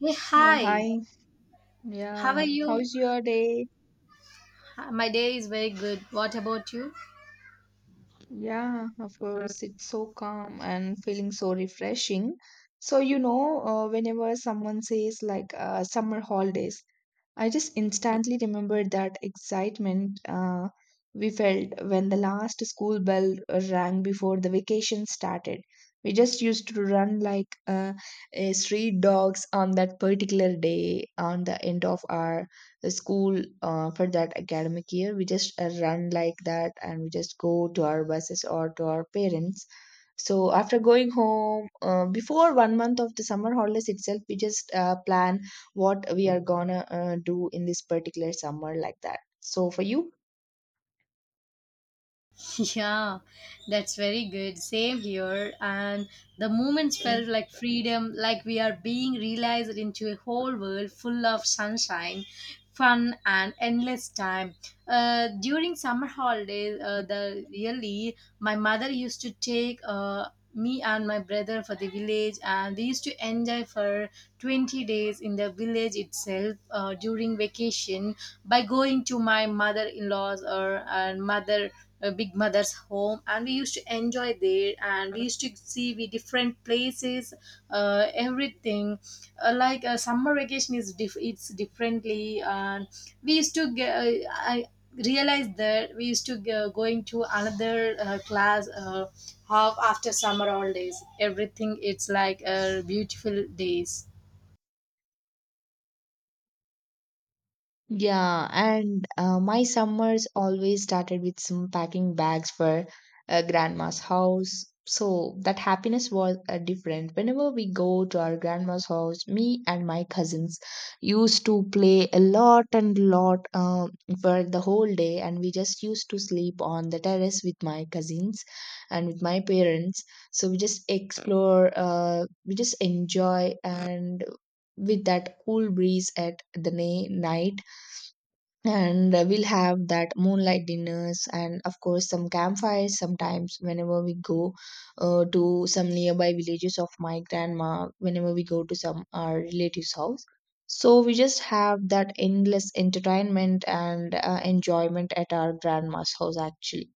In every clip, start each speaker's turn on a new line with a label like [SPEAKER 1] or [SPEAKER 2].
[SPEAKER 1] Hey,
[SPEAKER 2] Yeah,
[SPEAKER 1] hi.
[SPEAKER 2] hi.
[SPEAKER 1] How are
[SPEAKER 2] Yeah,
[SPEAKER 1] you?
[SPEAKER 2] how's your day?
[SPEAKER 1] My day is very good. What about you?
[SPEAKER 2] Yeah, of course. It's so calm and feeling so refreshing. So, whenever someone says like summer holidays, I just instantly remembered that excitement we felt when the last school bell rang before the vacation started. We just used to run like a street dogs on that particular day, on the end of our school for that academic year. We just run like that and we just go to our buses or to our parents. So after going home, before one month of the summer holidays itself, we just plan what we are gonna do in this particular summer like that, so for you.
[SPEAKER 1] Yeah, that's very good. Same here. And the moments felt like freedom, like we are being realized into a whole world full of sunshine, fun, and endless time. During summer holidays, the really my mother used to take me and my brother for the village, and we used to enjoy for 20 days in the village itself during vacation by going to my mother-in-law's or and mother big mother's home, and we used to enjoy there, and we used to see we different places, everything like summer vacation is it's differently, and we used to get, I realized that we used to going to another class, half after summer holidays everything it's like beautiful days.
[SPEAKER 2] Yeah, and my summers always started with some packing bags for grandma's house. So that happiness was different. Whenever we go to our grandma's house, me and my cousins used to play a lot and lot for the whole day, and we just used to sleep on the terrace with my cousins and with my parents. So we just explore, we just enjoy, and with that cool breeze at the night, and we'll have that moonlight dinners, and of course some campfires sometimes whenever we go to some nearby villages of my grandma, whenever we go to some our relatives house, so we just have that endless entertainment and enjoyment at our grandma's house actually.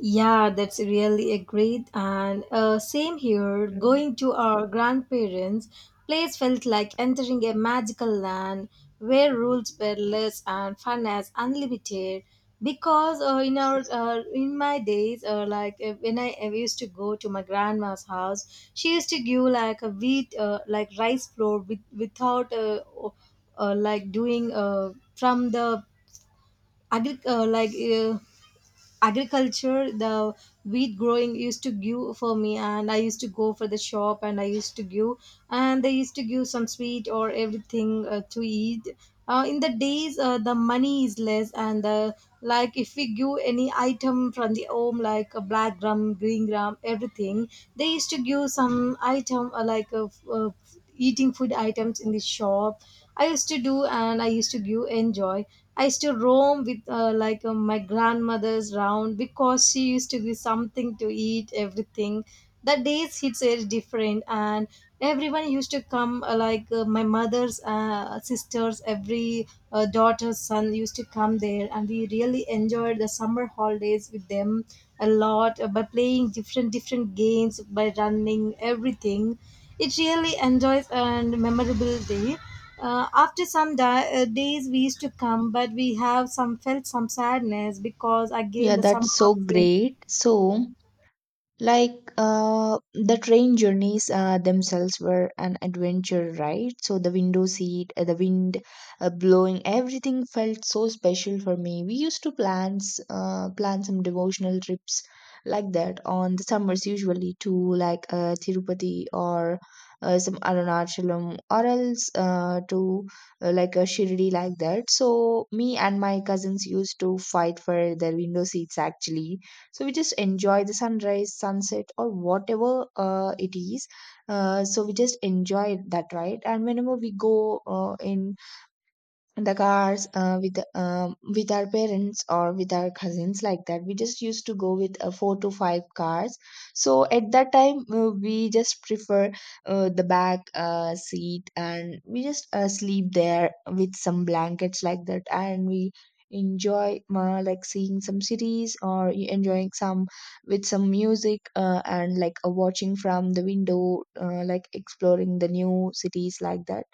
[SPEAKER 1] Yeah, that's really a great, and same here.
[SPEAKER 2] Mm.
[SPEAKER 1] Going to our grandparents' place felt like entering a magical land where rules were less and fun as unlimited. Because in my days, when I used to go to my grandma's house, she used to give like a wheat, like rice flour with, without like doing from the agri- uh, like. Uh, agriculture, the wheat growing used to give for me, and I used to go for the shop, and I used to give, and they used to give some sweet or everything to eat, in the days the money is less, and if we give any item from the home like a black gram, green gram, everything, they used to give some item, eating food items in the shop I used to do, and I used to give enjoy. I used to roam with my grandmother's round because she used to give something to eat, everything. The days it's very different, and everyone used to come, my mother's sisters, every daughter's son used to come there, and we really enjoyed the summer holidays with them a lot by playing different different games, by running everything. It really enjoys and memorable day. After some days, we used to come, but we have some felt some sadness because again
[SPEAKER 2] Yeah,
[SPEAKER 1] the summer.
[SPEAKER 2] that's so
[SPEAKER 1] House went.
[SPEAKER 2] great. So, like the train journeys themselves were an adventure, right? So the window seat, the wind blowing, everything felt so special for me. We used to plan some devotional trips like that on the summers, usually to like Tirupati or some Arunachalam, or else to like a Shirdi like that. So me and my cousins used to fight for the window seats actually, so we just enjoy the sunrise sunset or whatever it is. So we just enjoy that, right? And whenever we go in the cars with our parents or with our cousins like that, we just used to go with four to five cars. So at that time we just prefer the back seat, and we just sleep there with some blankets like that, and we enjoy like seeing some series, or enjoying some with some music, and like watching from the window, like exploring the new cities like that.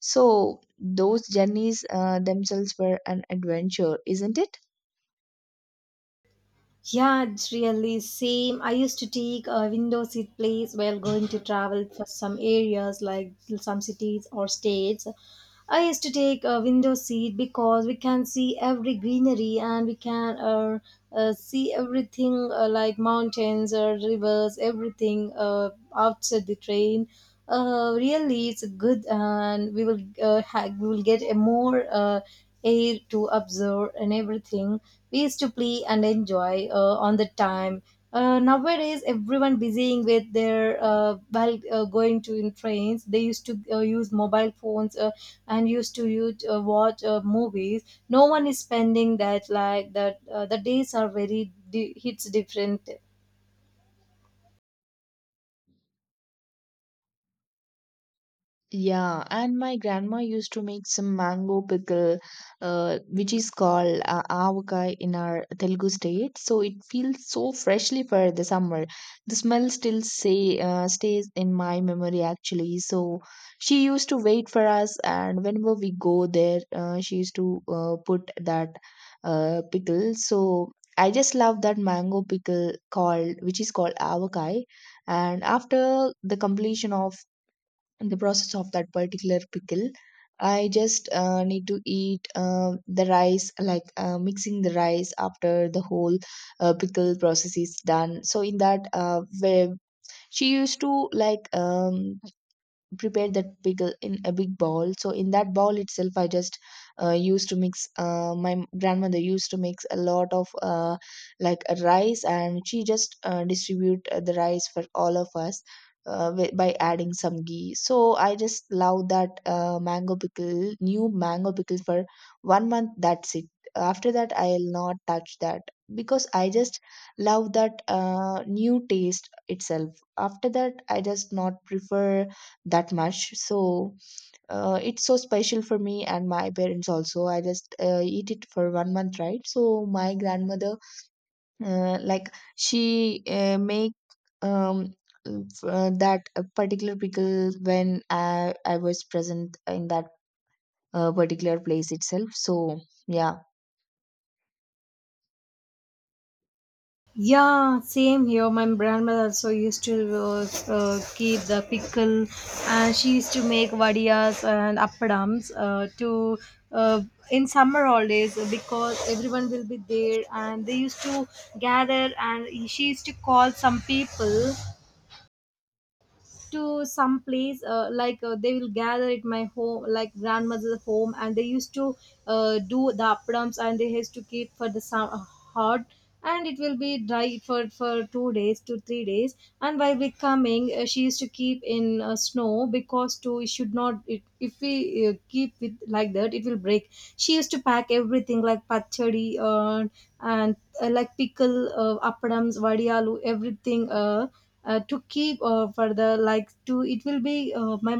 [SPEAKER 2] So those journeys themselves were an adventure, isn't it?
[SPEAKER 1] Yeah, it's really same. I used to take a window seat place while going to travel for some areas like some cities or states. I used to take a window seat because we can see every greenery, and we can see everything, like mountains or rivers, everything outside the train. Really, it's good, and we will get a more air to observe and everything. We used to play and enjoy on the time. Nowadays, everyone busying with their while going to in trains. They used to use mobile phones, and used to watch movies. No one is spending that like that. The days are very hits different.
[SPEAKER 2] Yeah, and my grandma used to make some mango pickle, which is called avakayi in our Telugu state. So it feels so freshly for the summer. The smell still say stays in my memory actually. So she used to wait for us, and whenever we go there, she used to put that pickle. So I just love that mango pickle which is called avakayi. And after the completion of the process of that particular pickle. I just need to eat the rice, like mixing the rice after the whole pickle process is done. So in that, where she used to like prepare that pickle in a big bowl, so in that bowl itself I just used to mix, my grandmother used to mix a lot of like a rice, and she just distribute the rice for all of us, by adding some ghee. So I just love that mango pickle, new mango pickle for one month, that's it. After that, I'll not touch that, because I just love that new taste itself. After that, I just not prefer that much. So it's so special for me and my parents also. I just eat it for one month, right? So my grandmother, like she make, um that particular pickle, when I was present in that particular place itself, so yeah.
[SPEAKER 1] Yeah, same here. My grandmother also used to keep the pickle, and she used to make vadiyas and appadams to uh, in summer holidays because everyone will be there, and they used to gather, and she used to call some people to some place, they will gather at my home like grandmother's home, and they used to do the appams, and they has to keep for the hot, and it will be dry for 2 days to 3 days. And while we coming, she used to keep in snow because to it should not it, if we keep it like that, it will break. She used to pack everything like pachadi, and pickle, appams, vadiyalu, everything, to keep for the like to it will be my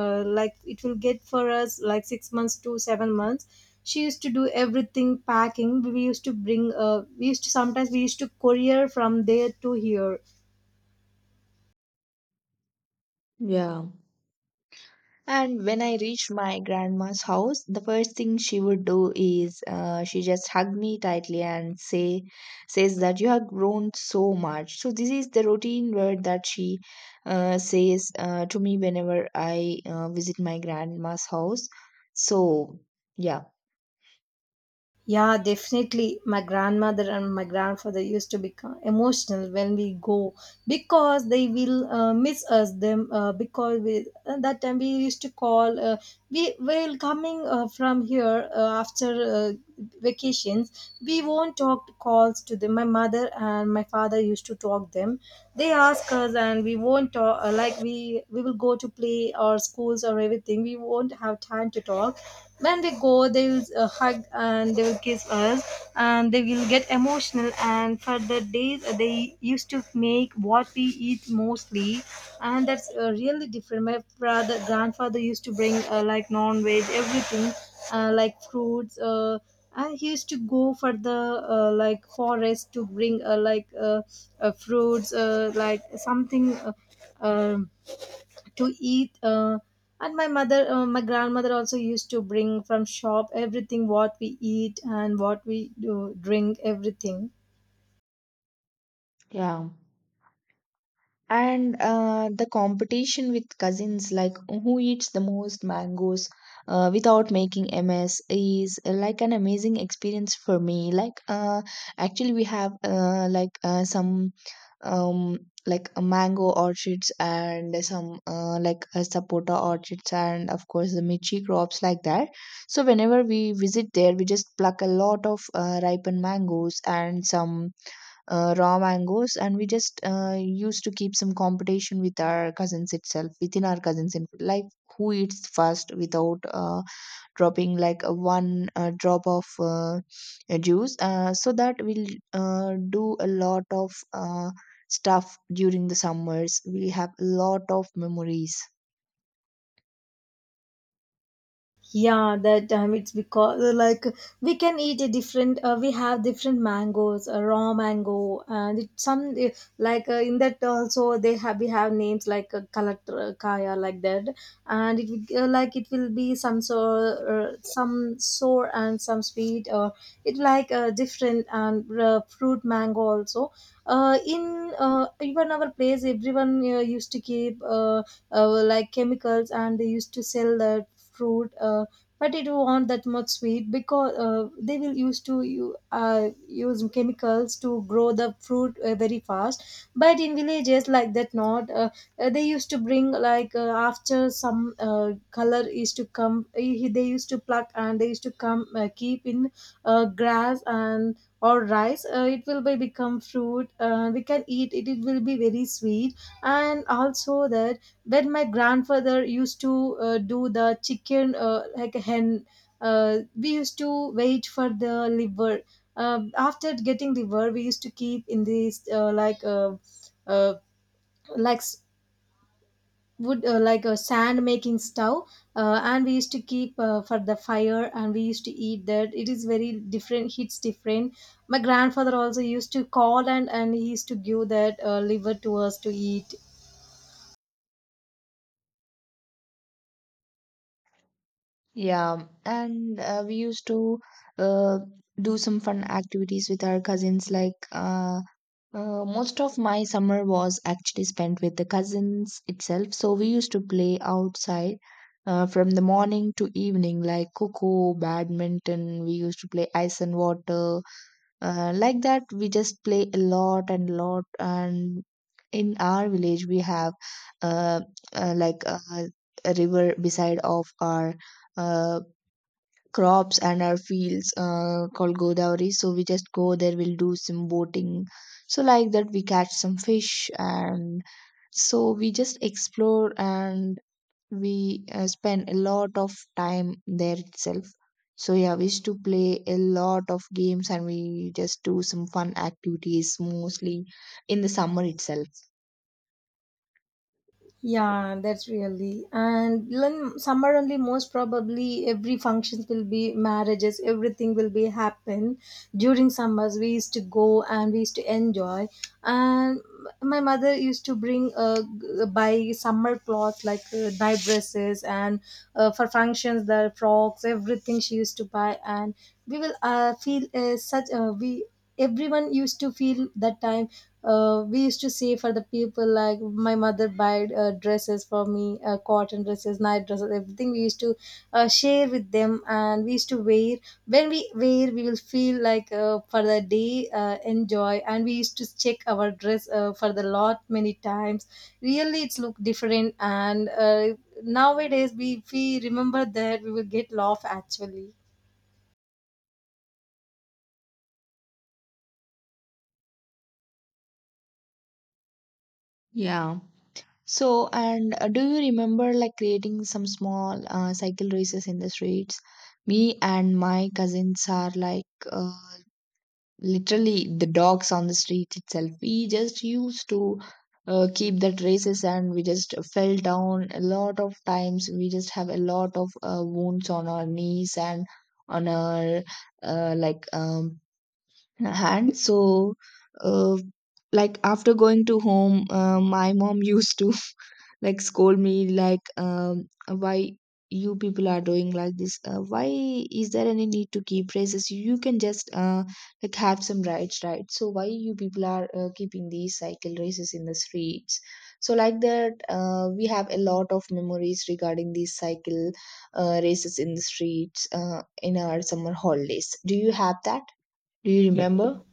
[SPEAKER 1] like it will get for us like 6 months to 7 months. She used to do everything packing. We used to bring, we used to sometimes we used to courier from there to here.
[SPEAKER 2] Yeah. And when I reached my grandma's house, the first thing she would do is she just hugged me tightly and says that you have grown so much. So this is the routine word that she says to me whenever I visit my grandma's house. So yeah.
[SPEAKER 1] Yeah, definitely. My grandmother and my grandfather used to become emotional when we go because they will miss us them, because we that time we used to call, we will coming from here after vacations we won't talk calls to them. My mother and my father used to talk them. They ask us, and we won't talk, we will go to play or schools or everything. We won't have time to talk. When they go, they will hug, and they will kiss us, and they will get emotional, and for the days they used to make what we eat mostly, and that's really different. My father grandfather used to bring, like non-veg everything, like fruits, and he used to go for the forest to bring, fruits, like something um to eat, and my grandmother also used to bring from shop everything what we eat and what we do drink everything.
[SPEAKER 2] Yeah. And the competition with cousins like who eats the most mangoes without making ms is like an amazing experience for me, like actually we have like some um like a mango orchards, and some like a sapota orchards, and of course the michi crops like that. So whenever we visit there, we just pluck a lot of ripened mangoes and some raw mangoes, and we just used to keep some competition with our cousins itself, within our cousins, and like who eats first without dropping like a one drop of a juice, so that we'll do a lot of stuff during the summers. We have a lot of memories.
[SPEAKER 1] Yeah, that time it's because we can eat a different. We have different mangoes, raw mango, and it, some, in that also they have we have names like kalatra kaya like that, and it will, it will be some sour and some sweet, or it like different, and fruit mango also. In Even our place, everyone used to keep, chemicals, and they used to sell that fruit, but it won't that much sweet because they will use to you use chemicals to grow the fruit very fast, but in villages like that not, they used to bring like, after some color is to come, they used to pluck, and they used to come, keep in grass and or rice, it will be become fruit, we can eat it will be very sweet. And also that when my grandfather used to do the chicken, like a hen, we used to wait for the liver. After getting liver, we used to keep in this, uh, like wood, like a sand making stove, and we used to keep for the fire, and we used to eat that. It is very different, hits different. My grandfather also used to call, and he used to give that liver to us to eat.
[SPEAKER 2] Yeah, and we used to uh, do some fun activities with our cousins, like most of my summer was actually spent with the cousins itself. So we used to play outside from the morning to evening, like coco, badminton. We used to play ice and water. Like that, we just play a lot and lot. And in our village, we have, uh, like a river beside of our uh, crops and our fields called Godavari. So we just go there, we'll do some boating. So, like that, we catch some fish, and so we just explore, and we spend a lot of time there itself. So, yeah, we used to play a lot of games, and we just do some fun activities mostly in the summer itself.
[SPEAKER 1] Yeah, that's really. And then somewhere only most probably every functions will be marriages, everything will be happen during summers. We used to go, and we used to enjoy. And my mother used to bring, buy summer clothes like night dresses, and for functions the frocks, everything she used to buy. And we will feel such we everyone used to feel that time, we used to say for the people like my mother buy dresses for me, cotton dresses, night dresses, everything we used to share with them, and we used to wear. When we wear, we will feel like for the day enjoy, and we used to check our dress for the lot many times. Really it's look different, and nowadays we if we remember that, we will get laugh actually.
[SPEAKER 2] Yeah. So, and do you remember like creating some small cycle races in the streets? Me and my cousins are like uh, literally the dogs on the street itself. We just used to keep that races, and we just fell down a lot of times. We just have a lot of wounds on our knees and on our like hand. So uh, like after going to home, my mom used to like scold me, like why you people are doing like this, why is there any need to keep races? You can just like have some rights, right? So why you people are keeping these cycle races in the streets? So like that, we have a lot of memories regarding these cycle races in the streets in our summer holidays. Do you have that, do you, yeah, remember?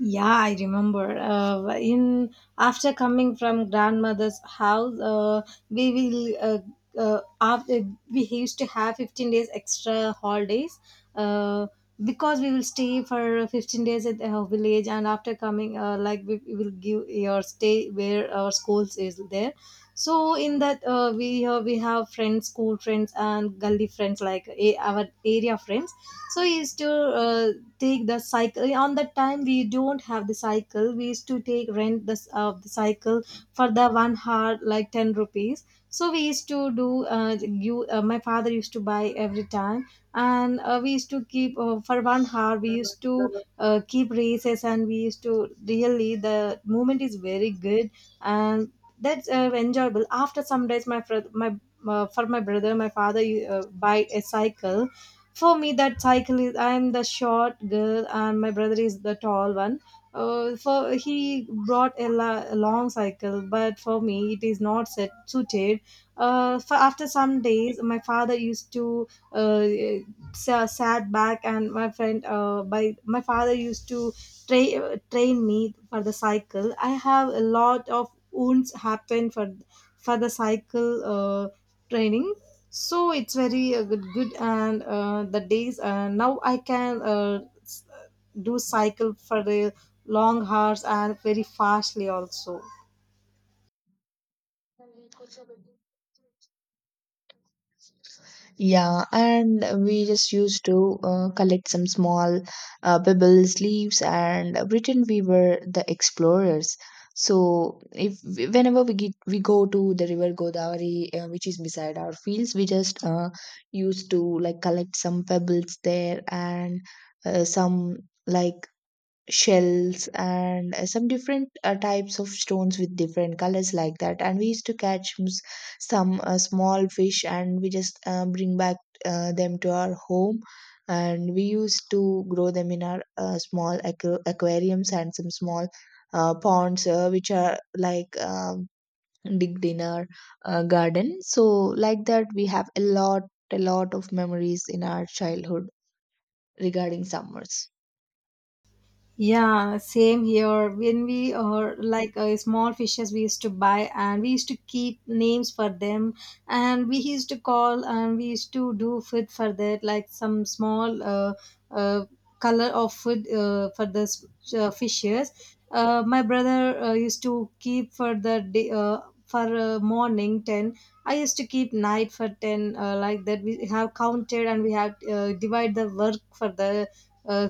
[SPEAKER 1] Yeah, I remember. In After coming from grandmother's house, we will. After we used to have 15 days extra holidays uh, because we will stay for 15 days at our village. And after coming, we will give your stay where our schools is there. So in that, we have friends, school friends and gully friends, like a, our area friends. So we used to uh, take the cycle. On that time we don't have the cycle, we used to take rent this of the cycle for the 1 hour, like 10 rupees. So we used to do you my father used to buy every time. And we used to keep, for 1 hour we used to keep races, and we used to really the movement is very good. And that's enjoyable. After some days, my for my brother, my father buy a cycle for me. That cycle is, I'm the short girl and my brother is the tall one. For he brought a, a long cycle, but for me it is not set suited. For after some days, my father used to, uh, sat back, and my friend, by my father used to train me for the cycle. I have a lot of wounds happen for the cycle training. So it's very good, good, and the days, now I can do cycle for the long hours, and very fastly also.
[SPEAKER 2] Yeah, and we just used to collect some small pebbles, leaves, and pretend we were the explorers. So, if whenever we go to the river Godavari, which is beside our fields, we just used to like collect some pebbles there, and some like shells, and some different types of stones with different colors like that, and we used to catch some small fish, and we just bring back them to our home, and we used to grow them in our small aquariums and some small ponds which are like digged in our garden. So like that, we have a lot of memories in our childhood regarding summers.
[SPEAKER 1] Yeah, same here. When we are like, small fishes, we used to buy and we used to keep names for them, and we used to call, and we used to do food for that, like some small uh, color of food for the fishes. My brother used to keep for the day, for morning ten. I used to keep night for ten, like that. We have counted and we have divide the work for the. Uh,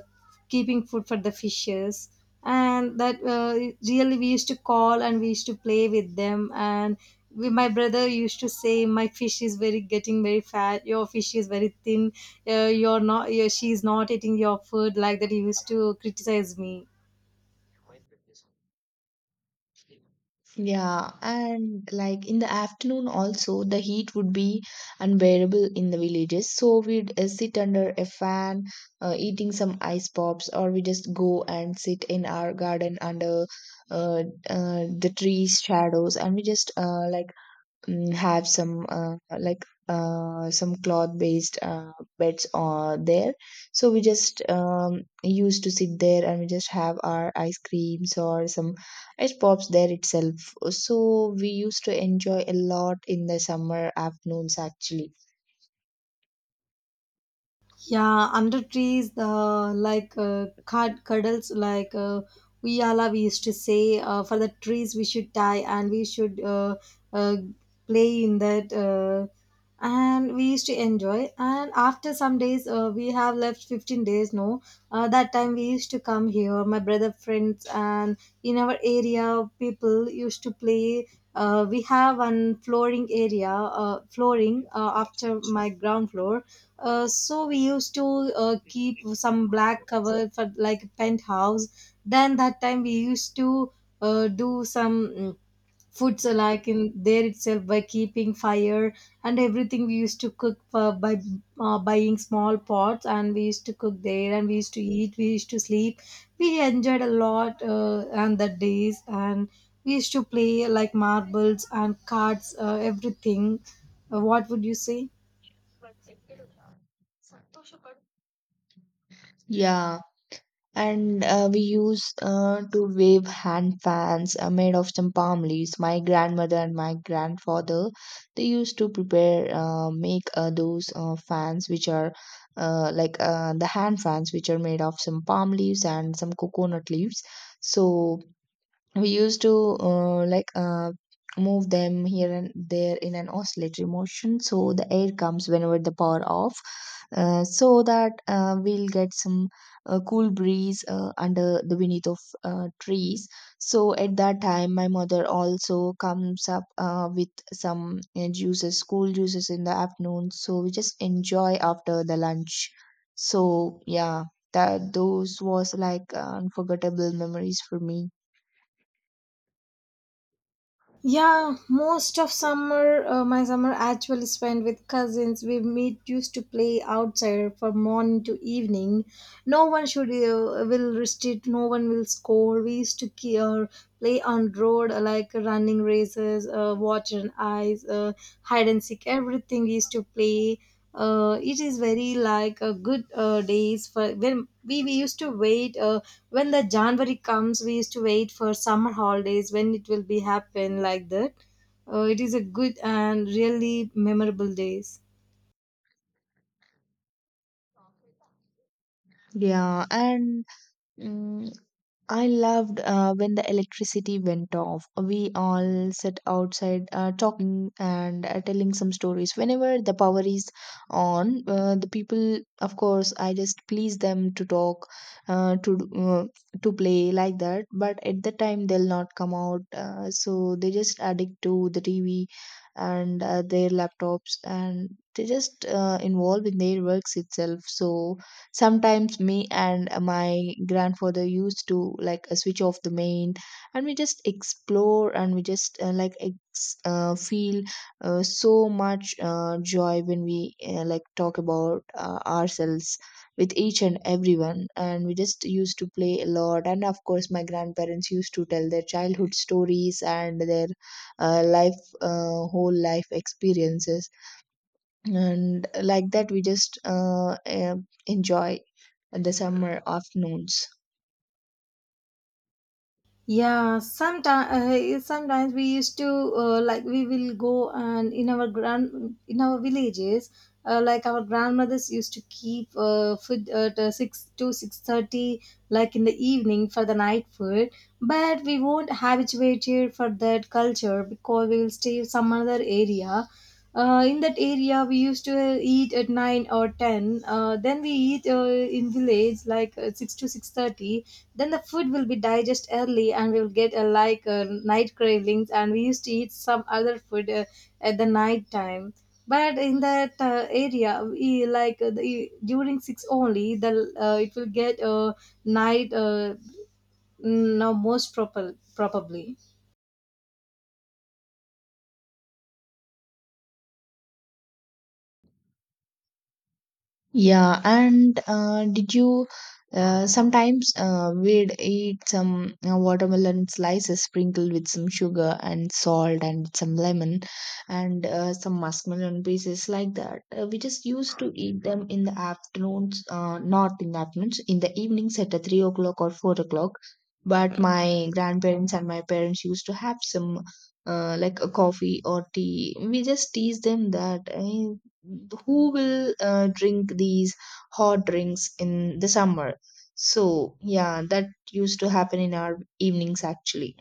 [SPEAKER 1] Keeping food for the fishes, and that really we used to call and we used to play with them. And my brother used to say, my fish is very getting very fat, your fish is very thin, you're not, you she's not eating your food, like that he used to criticize me.
[SPEAKER 2] Yeah, and like in the afternoon also the heat would be unbearable in the villages. So we'd sit under a fan, eating some ice pops, or we just go and sit in our garden under, uh, the trees shadows, and we just like have some like some cloth based beds there, so we just used to sit there, and we just have our ice creams or some ice pops there itself. So we used to enjoy a lot in the summer afternoons actually.
[SPEAKER 1] Yeah, under trees, the like, cuddles, like, we all we used to say, for the trees we should tie, and we should uh, play in that, and we used to enjoy. And after some days, we have left 15 days. No, that time we used to come here, my brother friends, and in our area people used to play. We have an flooring area, flooring after my ground floor, so we used to keep some black cover for like penthouse. Then that time we used to do some foods like in there itself, by keeping fire and everything. We used to cook for, by buying small pots, and we used to cook there and we used to eat. We used to sleep. We enjoyed a lot on the days, and we used to play like marbles and cards, everything. What would you say?
[SPEAKER 2] Yeah, and we use to wave hand fans made of some palm leaves. My grandmother and my grandfather, they used to prepare make those fans, which are like the hand fans which are made of some palm leaves and some coconut leaves. So we used to move them here and there in an oscillatory motion so the air comes whenever the power off, so that we'll get some cool breeze under the beneath of trees. So at that time my mother also comes up with some juices, cool juices, in the afternoon, so we just enjoy after the lunch. So yeah, that those was like unforgettable memories for me.
[SPEAKER 1] Yeah, most of summer, my summer actually spent with cousins. We meet used to play outside from morning to evening. No one should will restrict. No one will score. We used to play on road, like running races, water and ice, hide and seek. Everything we used to play. It is very like a good days for when we used to wait, when the January comes we used to wait for summer holidays, when it will be happen, like that. It is a good and really memorable days.
[SPEAKER 2] Yeah, and mm, I loved when the electricity went off. We all sat outside talking and telling some stories. Whenever the power is on, the people, of course, I just please them to talk, uh, to uh, to play like that. But at the time, they'll not come out, so they just addict to the TV and their laptops, and they just involved in their works itself. So sometimes me and my grandfather used to switch off the main, and we just explore, and we just feel so much joy when we talk about ourselves with each and everyone. And we just used to play a lot, and of course my grandparents used to tell their childhood stories and their life whole life experiences, and like that we just enjoy the summer afternoons.
[SPEAKER 1] Yeah, sometimes, sometimes we used to, like we will go, and in our grand in our villages, like our grandmothers used to keep food at 6 to 6:30, like in the evening for the night food. But we won't habituate here for that culture, because we will stay some other area. In that area, we used to eat at nine or ten. Then we eat in village like 6 to 6:30. Then the food will be digest early, and we will get night cravings. And we used to eat some other food at the night time. But in that area, we, like, during six only, the it will get night, no most proper probably.
[SPEAKER 2] Yeah, and did you sometimes we'd eat some watermelon slices sprinkled with some sugar and salt and some lemon and some muskmelon pieces like that. We just used to eat them in the afternoons, not in the afternoons, in the evenings at 3 o'clock or 4 o'clock. But my grandparents and my parents used to have some like a coffee or tea. We just tease them that eh, who will drink these hot drinks in the summer. So yeah, that used to happen in our evenings actually.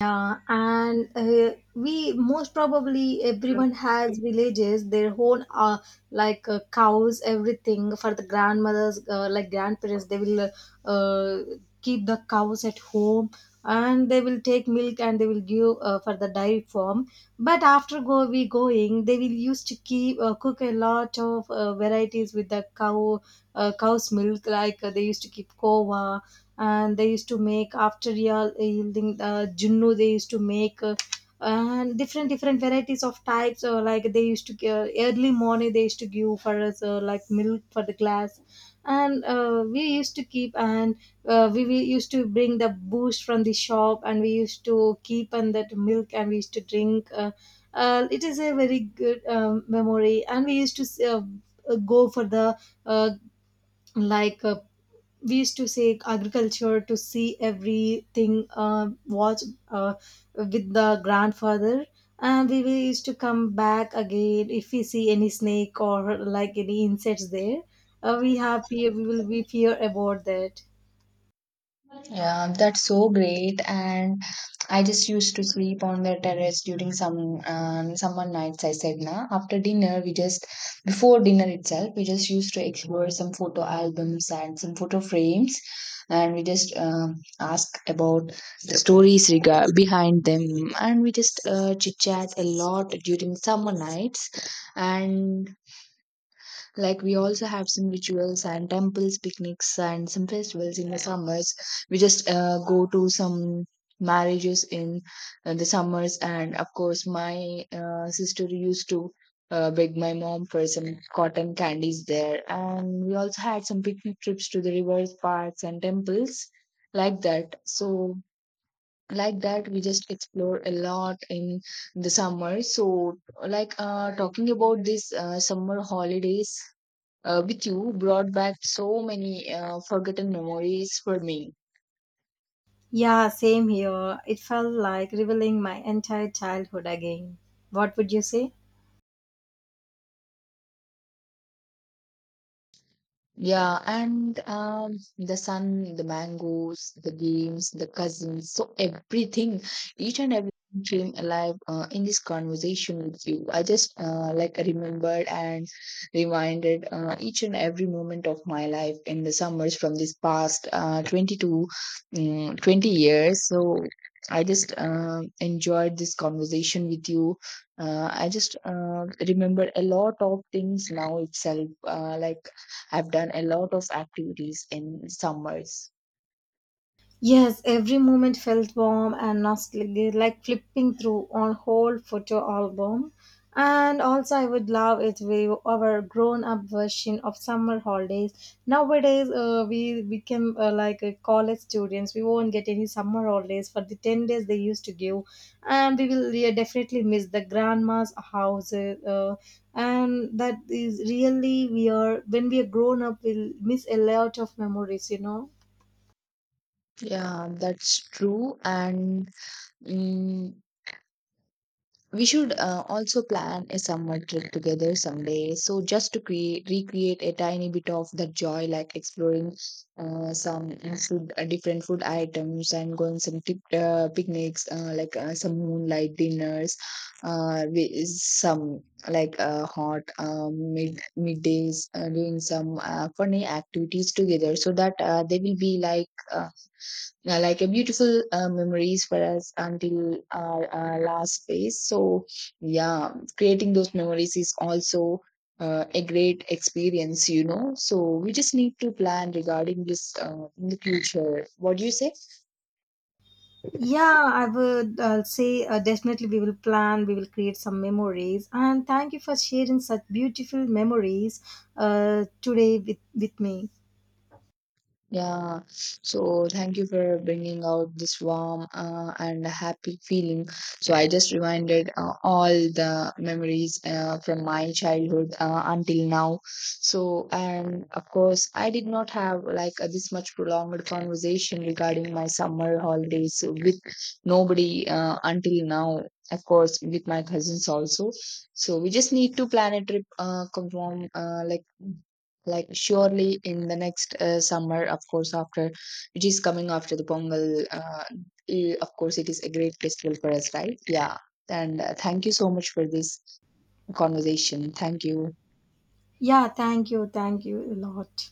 [SPEAKER 1] Yeah, and we most probably everyone has villages, their own, cows, everything for the grandmothers, like grandparents, they will uh, keep the cows at home, and they will take milk and they will give for the dairy farm. But after go we going, they will used to keep cook a lot of varieties with the cow's milk, like, they used to keep kova, and they used to make after yielding junnu they used to make, and different different varieties of types, like they used to early morning they used to give for us, like milk for the glass. And we used to keep, and we used to bring the boost from the shop, and we used to keep and that milk, and we used to drink, it is a very good memory. And we used to go for the, uh, like uh, we used to say agriculture, to see everything, watch uh, with the grandfather. And we will used to come back again. If we see any snake or like any insects there, we have fear, we will be fear about that.
[SPEAKER 2] Yeah, that's so great. And I just used to sleep on the terrace during some summer nights. I said, na, after dinner, we just, before dinner itself, we just used to explore some photo albums and some photo frames, and we just ask about the stories regard behind them, and we just chit chat a lot during summer nights. And like we also have some rituals and temples, picnics, and some festivals in the summers. We just go to some marriages in the summers, and of course, my sister used to beg my mom for some cotton candies there. And we also had some picnic trips to the rivers, parks, and temples like that. So like that we just explore a lot in the summer. So talking about this summer holidays with you brought back so many forgotten memories for me.
[SPEAKER 1] Yeah, same here. It felt like revealing my entire childhood again. What would you say?
[SPEAKER 2] Yeah, and the sun, the mangoes, the games, the cousins, so everything, each and everything feeling alive in this conversation with you. I just remembered and reminded each and every moment of my life in the summers from this past 20 years. So I just enjoyed this conversation with you. I just remember a lot of things now itself, like I've done a lot of activities in summers.
[SPEAKER 1] Yes, every moment felt warm and nostalgic, like flipping through on whole photo album. And also, I would love it with our grown-up version of summer holidays. Nowadays, we became college students. We won't get any summer holidays. For the 10 days they used to give, and we will, yeah, definitely miss the grandma's house. And that is really, we are when we are grown up, we'll miss a lot of memories, you know.
[SPEAKER 2] Yeah, that's true. And mm we should also plan a summer trip together someday, so just to create, recreate a tiny bit of that joy, like exploring some food, different food items, and going some tip, picnics, some moonlight dinners, with some hot middays, doing some funny activities together, so that they will be like a beautiful memories for us until our last phase. So yeah, creating those memories is also a great experience, you know. So we just need to plan regarding this in the future. What do you say?
[SPEAKER 1] Yeah, I would say, definitely we will plan, we will create some memories. And thank you for sharing such beautiful memories today, with me.
[SPEAKER 2] Yeah, so thank you for bringing out this warm and happy feeling. So I just reminded all the memories from my childhood until now. So, and of course, I did not have like this much prolonged conversation regarding my summer holidays with nobody until now. Of course, with my cousins also. So we just need to plan a trip, confirm, like surely in the next summer, of course, after it is coming after the pongal, of course it is a great festival for us, right? Yeah. And thank you so much for this conversation. Thank you.
[SPEAKER 1] Yeah, thank you a lot.